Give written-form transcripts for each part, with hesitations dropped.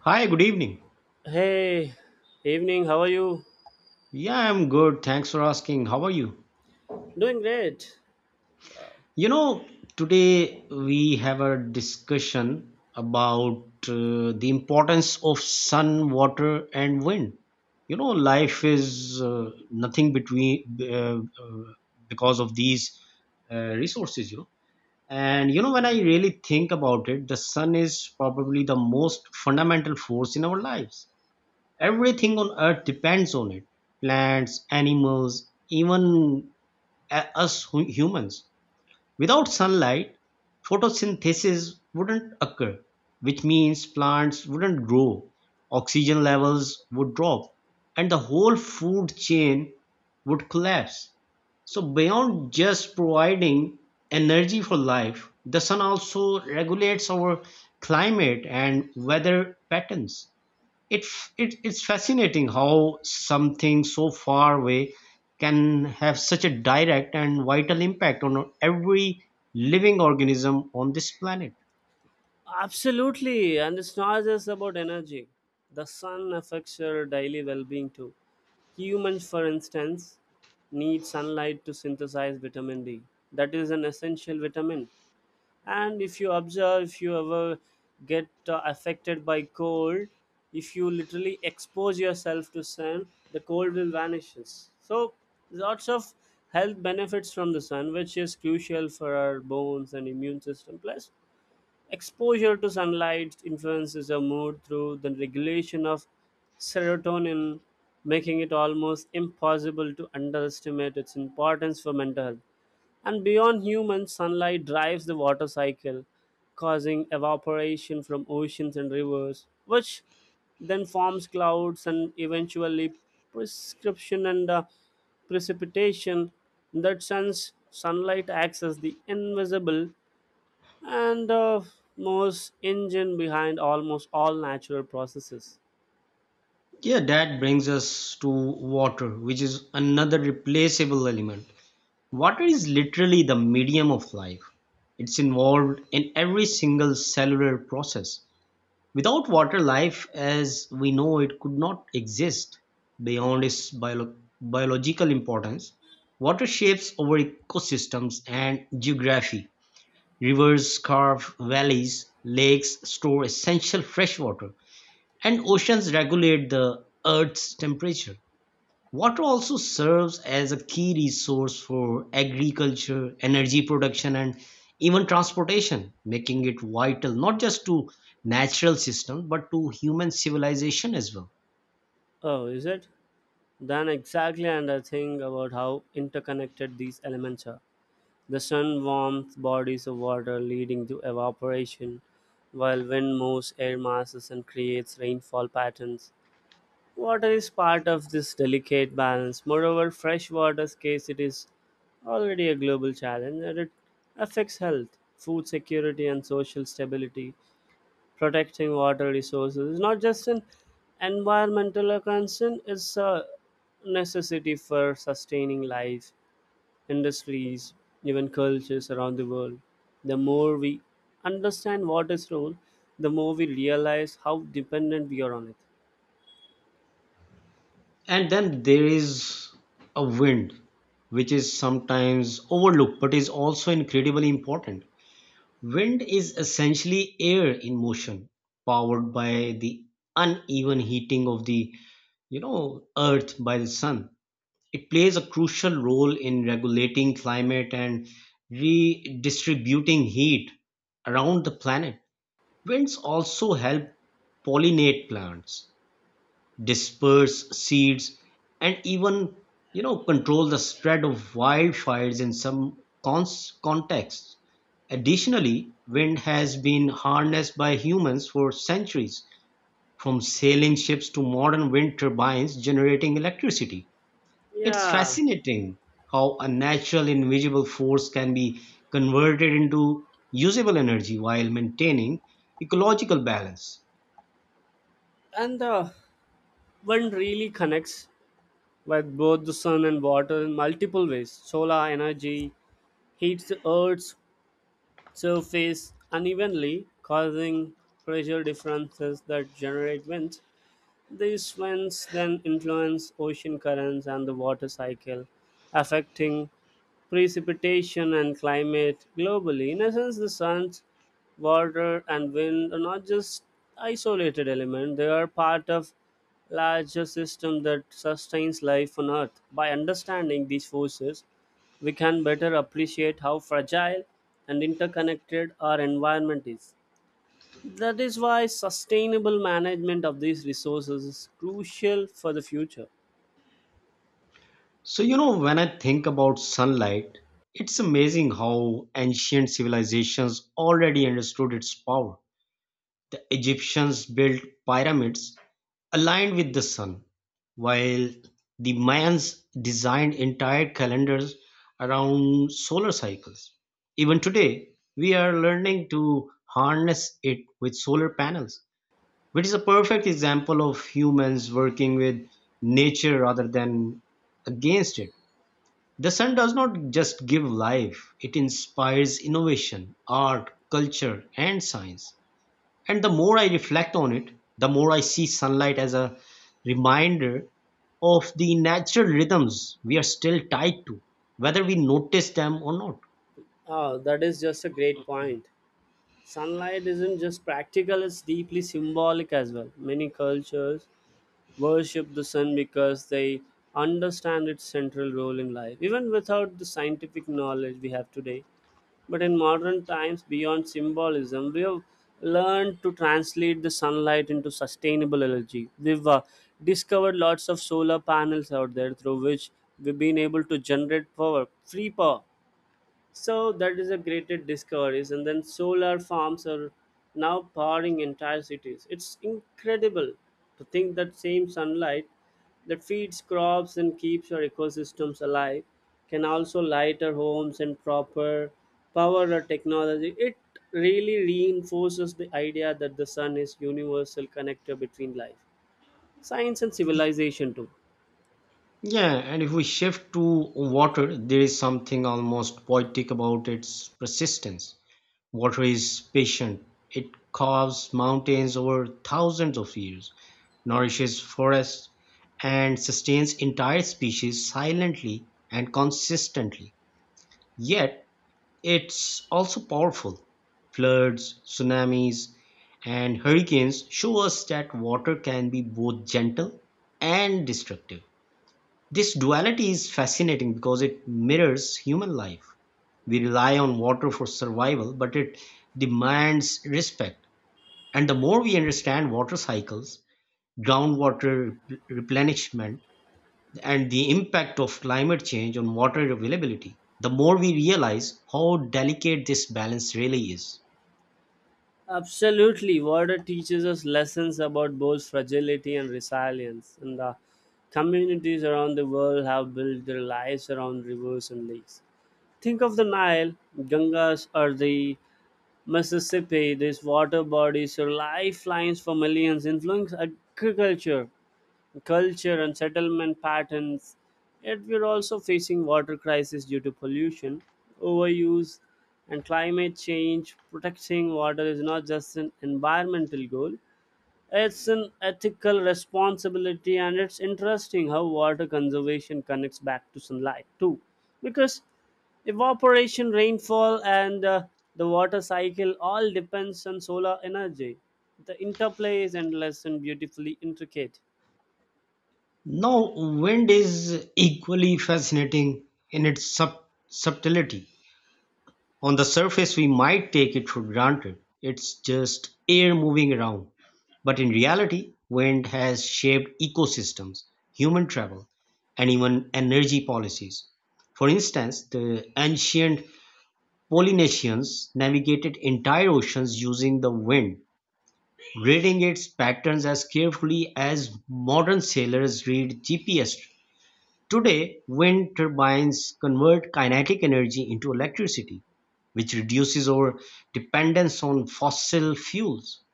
Hi, good evening. Hey, evening, how are you? Yeah, I'm good. Thanks for asking. How are you? Doing great. You know, today we have a discussion about the importance of sun, water, and wind. You know, life is nothing between because of these resources, you know. And you know, when I really think about it, the sun is probably the most fundamental force in our lives. Everything on earth depends on it. Plants, animals, even humans. Without sunlight, photosynthesis wouldn't occur, which means plants wouldn't grow, oxygen levels would drop, and the whole food chain would collapse. So, beyond just providing energy for life, the sun also regulates our climate and weather patterns. It's fascinating how something so far away can have such a direct and vital impact on every living organism on this planet. Absolutely, and it's not just about energy. The sun affects your daily well being too. Humans, for instance, need sunlight to synthesize vitamin D. That is an essential vitamin. And if you observe, if you ever get affected by cold, if you literally expose yourself to sun, the cold will vanishes. So lots of health benefits from the sun, which is crucial for our bones and immune system. Plus, exposure to sunlight influences our mood through the regulation of serotonin, making it almost impossible to underestimate its importance for mental health. And beyond humans, sunlight drives the water cycle, causing evaporation from oceans and rivers, which then forms clouds and eventually prescription and precipitation. In that sense, sunlight acts as the invisible and the most engine behind almost all natural processes. Yeah, that brings us to water, which is another replaceable element. Water is literally the medium of life. It's involved in every single cellular process. Without water, life as we know it could not exist beyond its biological importance. Water shapes our ecosystems and geography. Rivers carve valleys, lakes store essential fresh water, and oceans regulate the Earth's temperature. Water also serves as a key resource for agriculture, energy production, and even transportation, making it vital not just to natural systems but to human civilization as well. Oh, is it? Then exactly, and I think about how interconnected these elements are. The sun warms bodies of water, leading to evaporation, while wind moves air masses and creates rainfall patterns. Water is part of this delicate balance. Moreover, fresh water scarcity is already a global challenge, and it affects health, food security, and social stability. Protecting water resources is not just an environmental concern, it's a necessity for sustaining life, industries, even cultures around the world. The more we understand water's role, the more we realize how dependent we are on it. And then there is a wind, which is sometimes overlooked but is also incredibly important. Wind is essentially air in motion, powered by the uneven heating of the earth by the sun. It plays a crucial role in regulating climate and redistributing heat around the planet. Winds also help pollinate plants, disperse seeds, and even control the spread of wildfires in some contexts. Additionally, wind has been harnessed by humans for centuries, from sailing ships to modern wind turbines generating electricity. It's Yeah, fascinating how a natural invisible force can be converted into usable energy while maintaining ecological balance. and one really connects with both the sun and water in multiple ways. Solar energy heats the earth's surface unevenly, causing pressure differences that generate winds. These winds then influence ocean currents and the water cycle, affecting precipitation and climate globally. In essence, the sun's water and wind are not just isolated elements, they are part of larger system that sustains life on earth. By understanding these forces, we can better appreciate how fragile and interconnected our environment is. That is why sustainable management of these resources is crucial for the future. So, you know, when I think about sunlight, it's amazing how ancient civilizations already understood its power. The Egyptians built pyramids aligned with the sun, while the Mayans designed entire calendars around solar cycles. Even today, we are learning to harness it with solar panels, which is a perfect example of humans working with nature rather than against it. The sun does not just give life, it inspires innovation, art, culture, and science. And the more I reflect on it, the more I see sunlight as a reminder of the natural rhythms we are still tied to, whether we notice them or not. Ah, that is just a great point. Sunlight isn't just practical, it's deeply symbolic as well. Many cultures worship the sun because they understand its central role in life, even without the scientific knowledge we have today. But in modern times, beyond symbolism, we have learned to translate the sunlight into sustainable energy. We've discovered lots of solar panels out there through which we've been able to generate power, free power, so that is a great discovery. And then solar farms are now powering entire cities. It's incredible to think that same sunlight that feeds crops and keeps our ecosystems alive can also light our homes and proper power our technology. It really reinforces the idea that the sun is universal connector between life, science and civilization too. Yeah, and if we shift to water, there is something almost poetic about its persistence. Water is patient. It carves mountains over thousands of years, nourishes forests, and sustains entire species silently and consistently. Yet, it's also powerful. Floods, tsunamis, and hurricanes show us that water can be both gentle and destructive. This duality is fascinating because it mirrors human life. We rely on water for survival, but it demands respect. And the more we understand water cycles, groundwater replenishment, and the impact of climate change on water availability, the more we realize how delicate this balance really is. Absolutely. Water teaches us lessons about both fragility and resilience, and the communities around the world have built their lives around rivers and lakes. Think of the Nile, Gangas, or the Mississippi. These water bodies are lifelines for millions, influencing agriculture, culture and settlement patterns. Yet we're also facing water crisis due to pollution, overuse, and climate change. Protecting water is not just an environmental goal; it's an ethical responsibility, and it's interesting how water conservation connects back to sunlight too, because evaporation, rainfall, and the water cycle all depends on solar energy. The interplay is endless and beautifully intricate. Now, wind is equally fascinating in its subtlety. On the surface, we might take it for granted. It's just air moving around. But in reality, wind has shaped ecosystems, human travel, and even energy policies. For instance, the ancient Polynesians navigated entire oceans using the wind, reading its patterns as carefully as modern sailors read GPS. Today, wind turbines convert kinetic energy into electricity, which reduces our dependence on fossil fuels.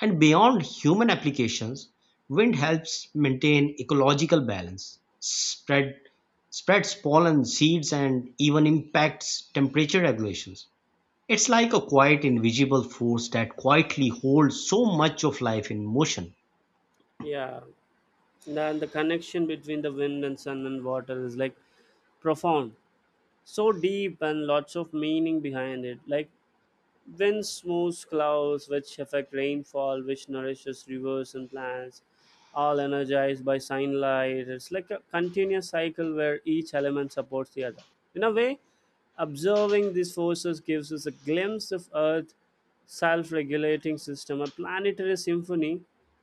And beyond human applications, wind helps maintain ecological balance, spreads pollen seeds, and even impacts temperature regulations. It's like a quiet, invisible force that quietly holds so much of life in motion. Yeah. Then the connection between the wind and sun and water is like profound, so deep and lots of meaning behind it. Like wind smooths clouds which affect rainfall which nourishes rivers and plants, all energized by sunlight. It's like a continuous cycle where each element supports the other. In a way, observing these forces gives us a glimpse of earth self-regulating system, a planetary symphony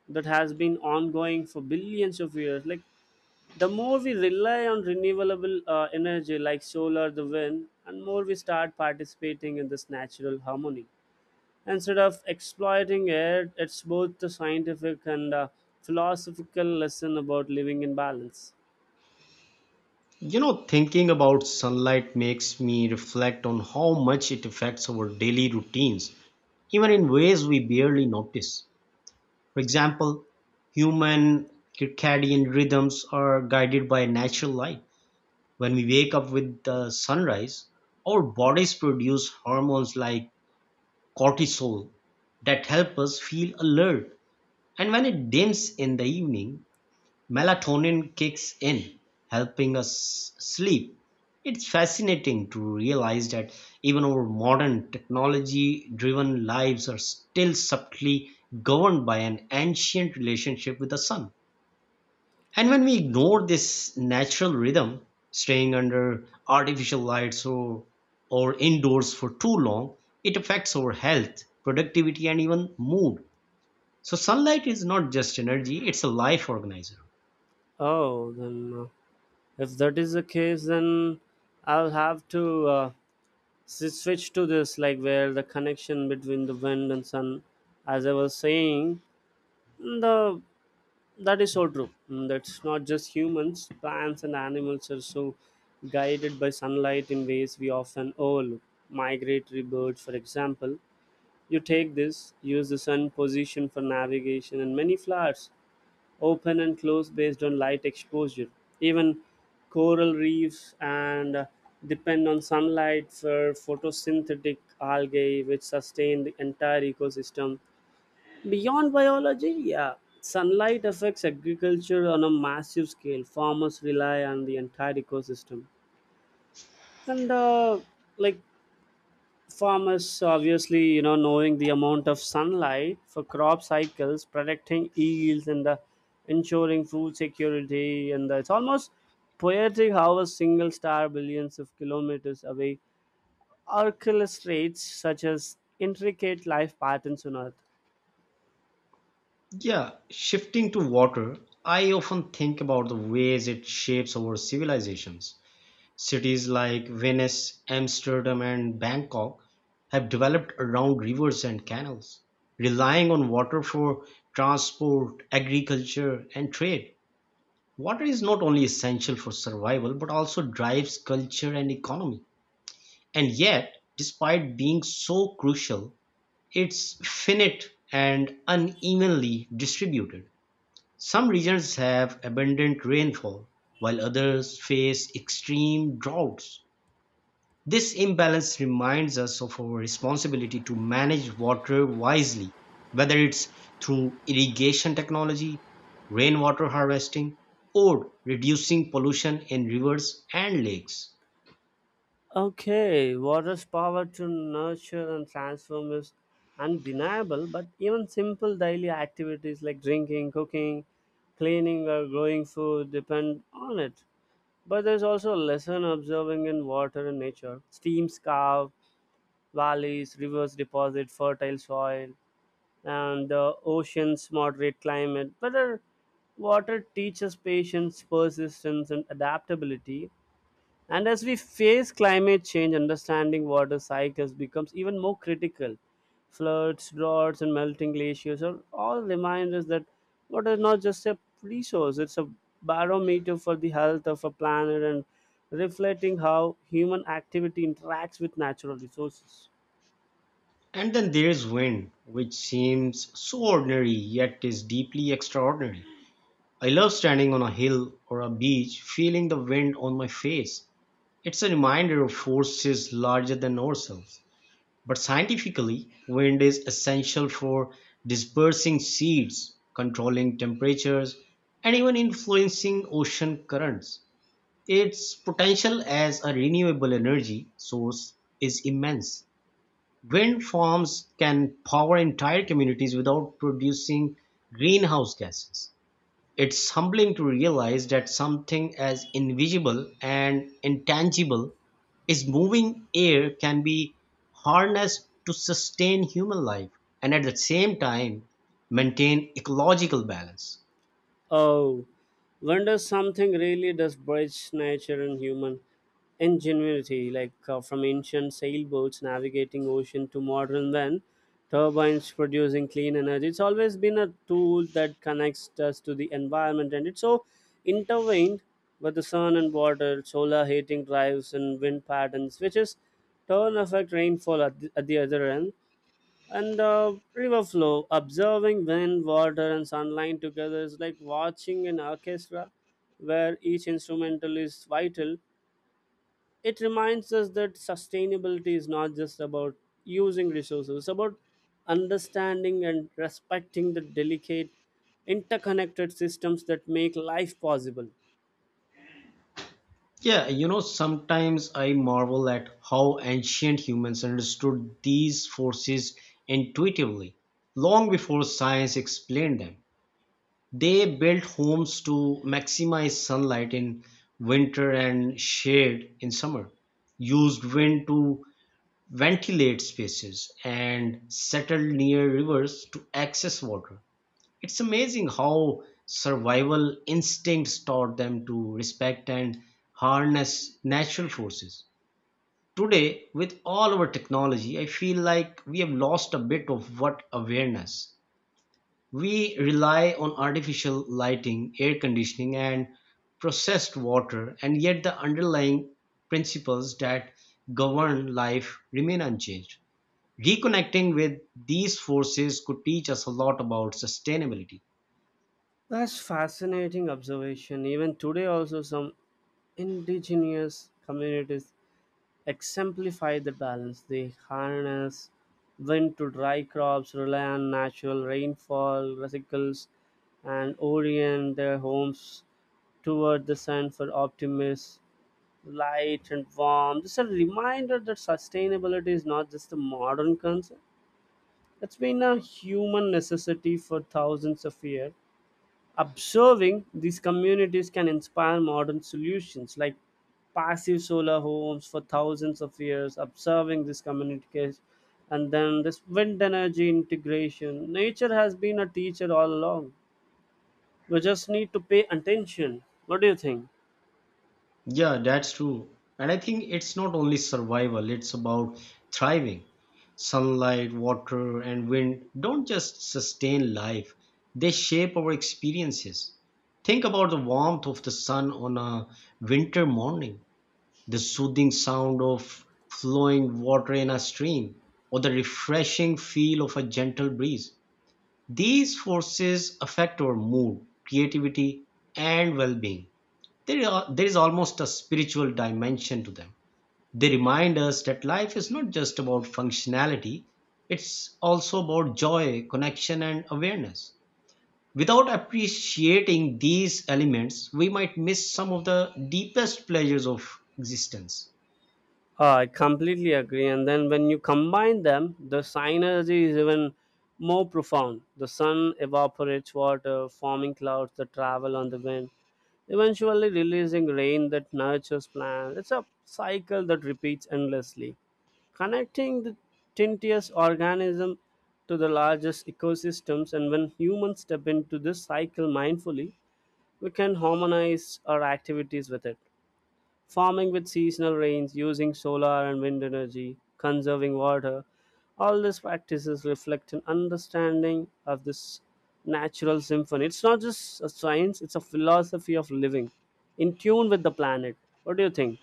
that has been ongoing for billions of years. Like, the more we rely on renewable energy like solar, the wind, and more we start participating in this natural harmony. Instead of exploiting it, it's both a scientific and a philosophical lesson about living in balance. You know, thinking about sunlight makes me reflect on how much it affects our daily routines, even in ways we barely notice. For example, human circadian rhythms are guided by natural light. When we wake up with the sunrise, our bodies produce hormones like cortisol that help us feel alert. And when it dims in the evening, melatonin kicks in, helping us sleep. It's fascinating to realize that even our modern technology driven lives are still subtly governed by an ancient relationship with the sun. And when we ignore this natural rhythm, staying under artificial lights or indoors for too long, it affects our health, productivity, and even mood. So, sunlight is not just energy, it's a life organizer. Oh, then, if that is the case, then I'll have to switch to this, like where the connection between the wind and sun, as I was saying, the That is so true. Mm, that's not just humans, plants and animals are so guided by sunlight in ways we often overlook. Migratory birds, for example, you take this, use the sun position for navigation, and many flowers open and close based on light exposure. Even coral reefs and depend on sunlight for photosynthetic algae, which sustain the entire ecosystem. Beyond biology, yeah, sunlight affects agriculture on a massive scale. Farmers rely on the entire ecosystem, and like farmers, obviously, you know, knowing the amount of sunlight for crop cycles, protecting yields, and ensuring food security, and it's almost poetic how a single star billions of kilometers away orchestrates such as intricate life patterns on Earth. Yeah, shifting to water, I often think about the ways it shapes our civilizations. Cities like Venice, Amsterdam, and Bangkok have developed around rivers and canals, relying on water for transport, agriculture, and trade. Water is not only essential for survival but also drives culture and economy. And yet, despite being so crucial, it's finite and unevenly distributed. Some regions have abundant rainfall, while others face extreme droughts. This imbalance reminds us of our responsibility to manage water wisely, whether it's through irrigation technology, rainwater harvesting, or reducing pollution in rivers and lakes. Okay, water's power to nurture and transform is undeniable, but even simple daily activities like drinking, cooking, cleaning, or growing food depend on it. But there's also a lesson observing in water and nature. Streams carve valleys, rivers deposit fertile soil, and the oceans moderate climate. But our water teaches patience, persistence, and adaptability. And as we face climate change, understanding water cycles becomes even more critical. Floods, droughts, and melting glaciers are all reminders that water is not just a resource, it's a barometer for the health of a planet and reflecting how human activity interacts with natural resources. And then there's wind, which seems so ordinary yet is deeply extraordinary. I love standing on a hill or a beach, feeling the wind on my face. It's a reminder of forces larger than ourselves. But scientifically, wind is essential for dispersing seeds, controlling temperatures, and even influencing ocean currents. Its potential as a renewable energy source is immense. Wind farms can power entire communities without producing greenhouse gases. It's humbling to realize that something as invisible and intangible as moving air can be harnessed to sustain human life and at the same time maintain ecological balance. Oh, when does something really does bridge nature and human ingenuity, like from ancient sailboats navigating ocean to modern then turbines producing clean energy. It's always been a tool that connects us to the environment, and it's so intertwined with the sun and water, solar heating drives, and wind patterns, which is turn affect rainfall at the other end and the river flow. Observing wind water and sunlight together is like watching an orchestra where each instrumental is vital. It reminds us that sustainability is not just about using resources, it's about understanding and respecting the delicate interconnected systems that make life possible. Yeah, you know, sometimes I marvel at how ancient humans understood these forces intuitively long before science explained them. They built homes to maximize sunlight in winter and shade in summer, used wind to ventilate spaces, and settled near rivers to access water. It's amazing how survival instincts taught them to respect and harness natural forces. Today, with all our technology, I feel like we have lost a bit of what awareness we rely on artificial lighting, air conditioning, and processed water, and yet the underlying principles that govern life remain unchanged. Reconnecting with these forces could teach us a lot about sustainability. That's fascinating observation. Even today also some indigenous communities exemplify the balance. They harness wind to dry crops, rely on natural rainfall, cycles, and orient their homes toward the sun for optimism, light, and warmth. It's a reminder that sustainability is not just a modern concept. It's been a human necessity for thousands of years. Observing these communities can inspire modern solutions like passive solar homes for thousands of years, observing these communities, and then this wind energy integration. Nature has been a teacher all along. We just need to pay attention. What do you think? Yeah, that's true. And I think it's not only survival, it's about thriving. Sunlight, water, and wind don't just sustain life, they shape our experiences. Think about the warmth of the sun on a winter morning, the soothing sound of flowing water in a stream, or the refreshing feel of a gentle breeze. These forces affect our mood, creativity, and well being. There is almost a spiritual dimension to them. They remind us that life is not just about functionality, it's also about joy, connection, and awareness. Without appreciating these elements, we might miss some of the deepest pleasures of existence. I completely agree. And then when you combine them, the synergy is even more profound. The sun evaporates water, forming clouds that travel on the wind, eventually releasing rain that nurtures plants. It's a cycle that repeats endlessly, connecting the tiniest organism to the largest ecosystems. And when humans step into this cycle mindfully, we can harmonize our activities with it, farming with seasonal rains, using solar and wind energy, conserving water. All these practices reflect an understanding of this natural symphony. It's not just a science, it's a philosophy of living in tune with the planet. What do you think?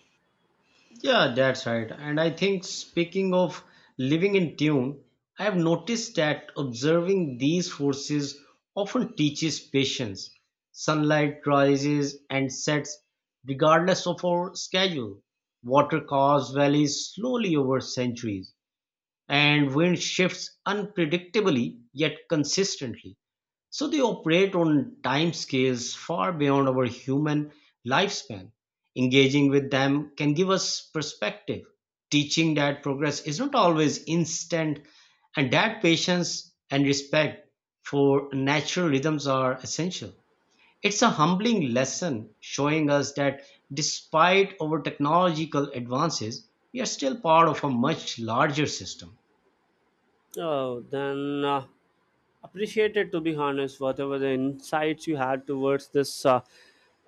Yeah, that's right. And I think speaking of living in tune, I have noticed that observing these forces often teaches patience. Sunlight rises and sets regardless of our schedule. Water carves valleys slowly over centuries, and wind shifts unpredictably yet consistently. So they operate on time scales far beyond our human lifespan. Engaging with them can give us perspective, teaching that progress is not always instant and that patience and respect for natural rhythms are essential. It's a humbling lesson showing us that despite our technological advances, we are still part of a much larger system. Oh, then. Appreciated to be honest whatever the insights you had towards this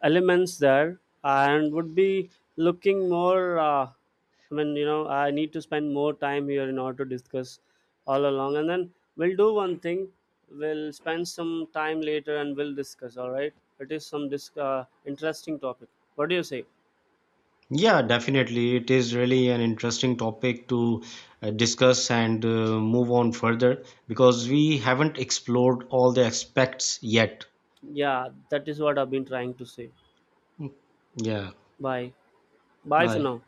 elements there, and would be looking more, I need to spend more time here in order to discuss all along. And then we'll do one thing, we'll spend some time later and we'll discuss. All right, it is some interesting topic. What do you say? Yeah, definitely. It is really an interesting topic to discuss and move on further because we haven't explored all the aspects yet. Yeah, that is what I've been trying to say. Yeah, Bye. Bye for bye. now.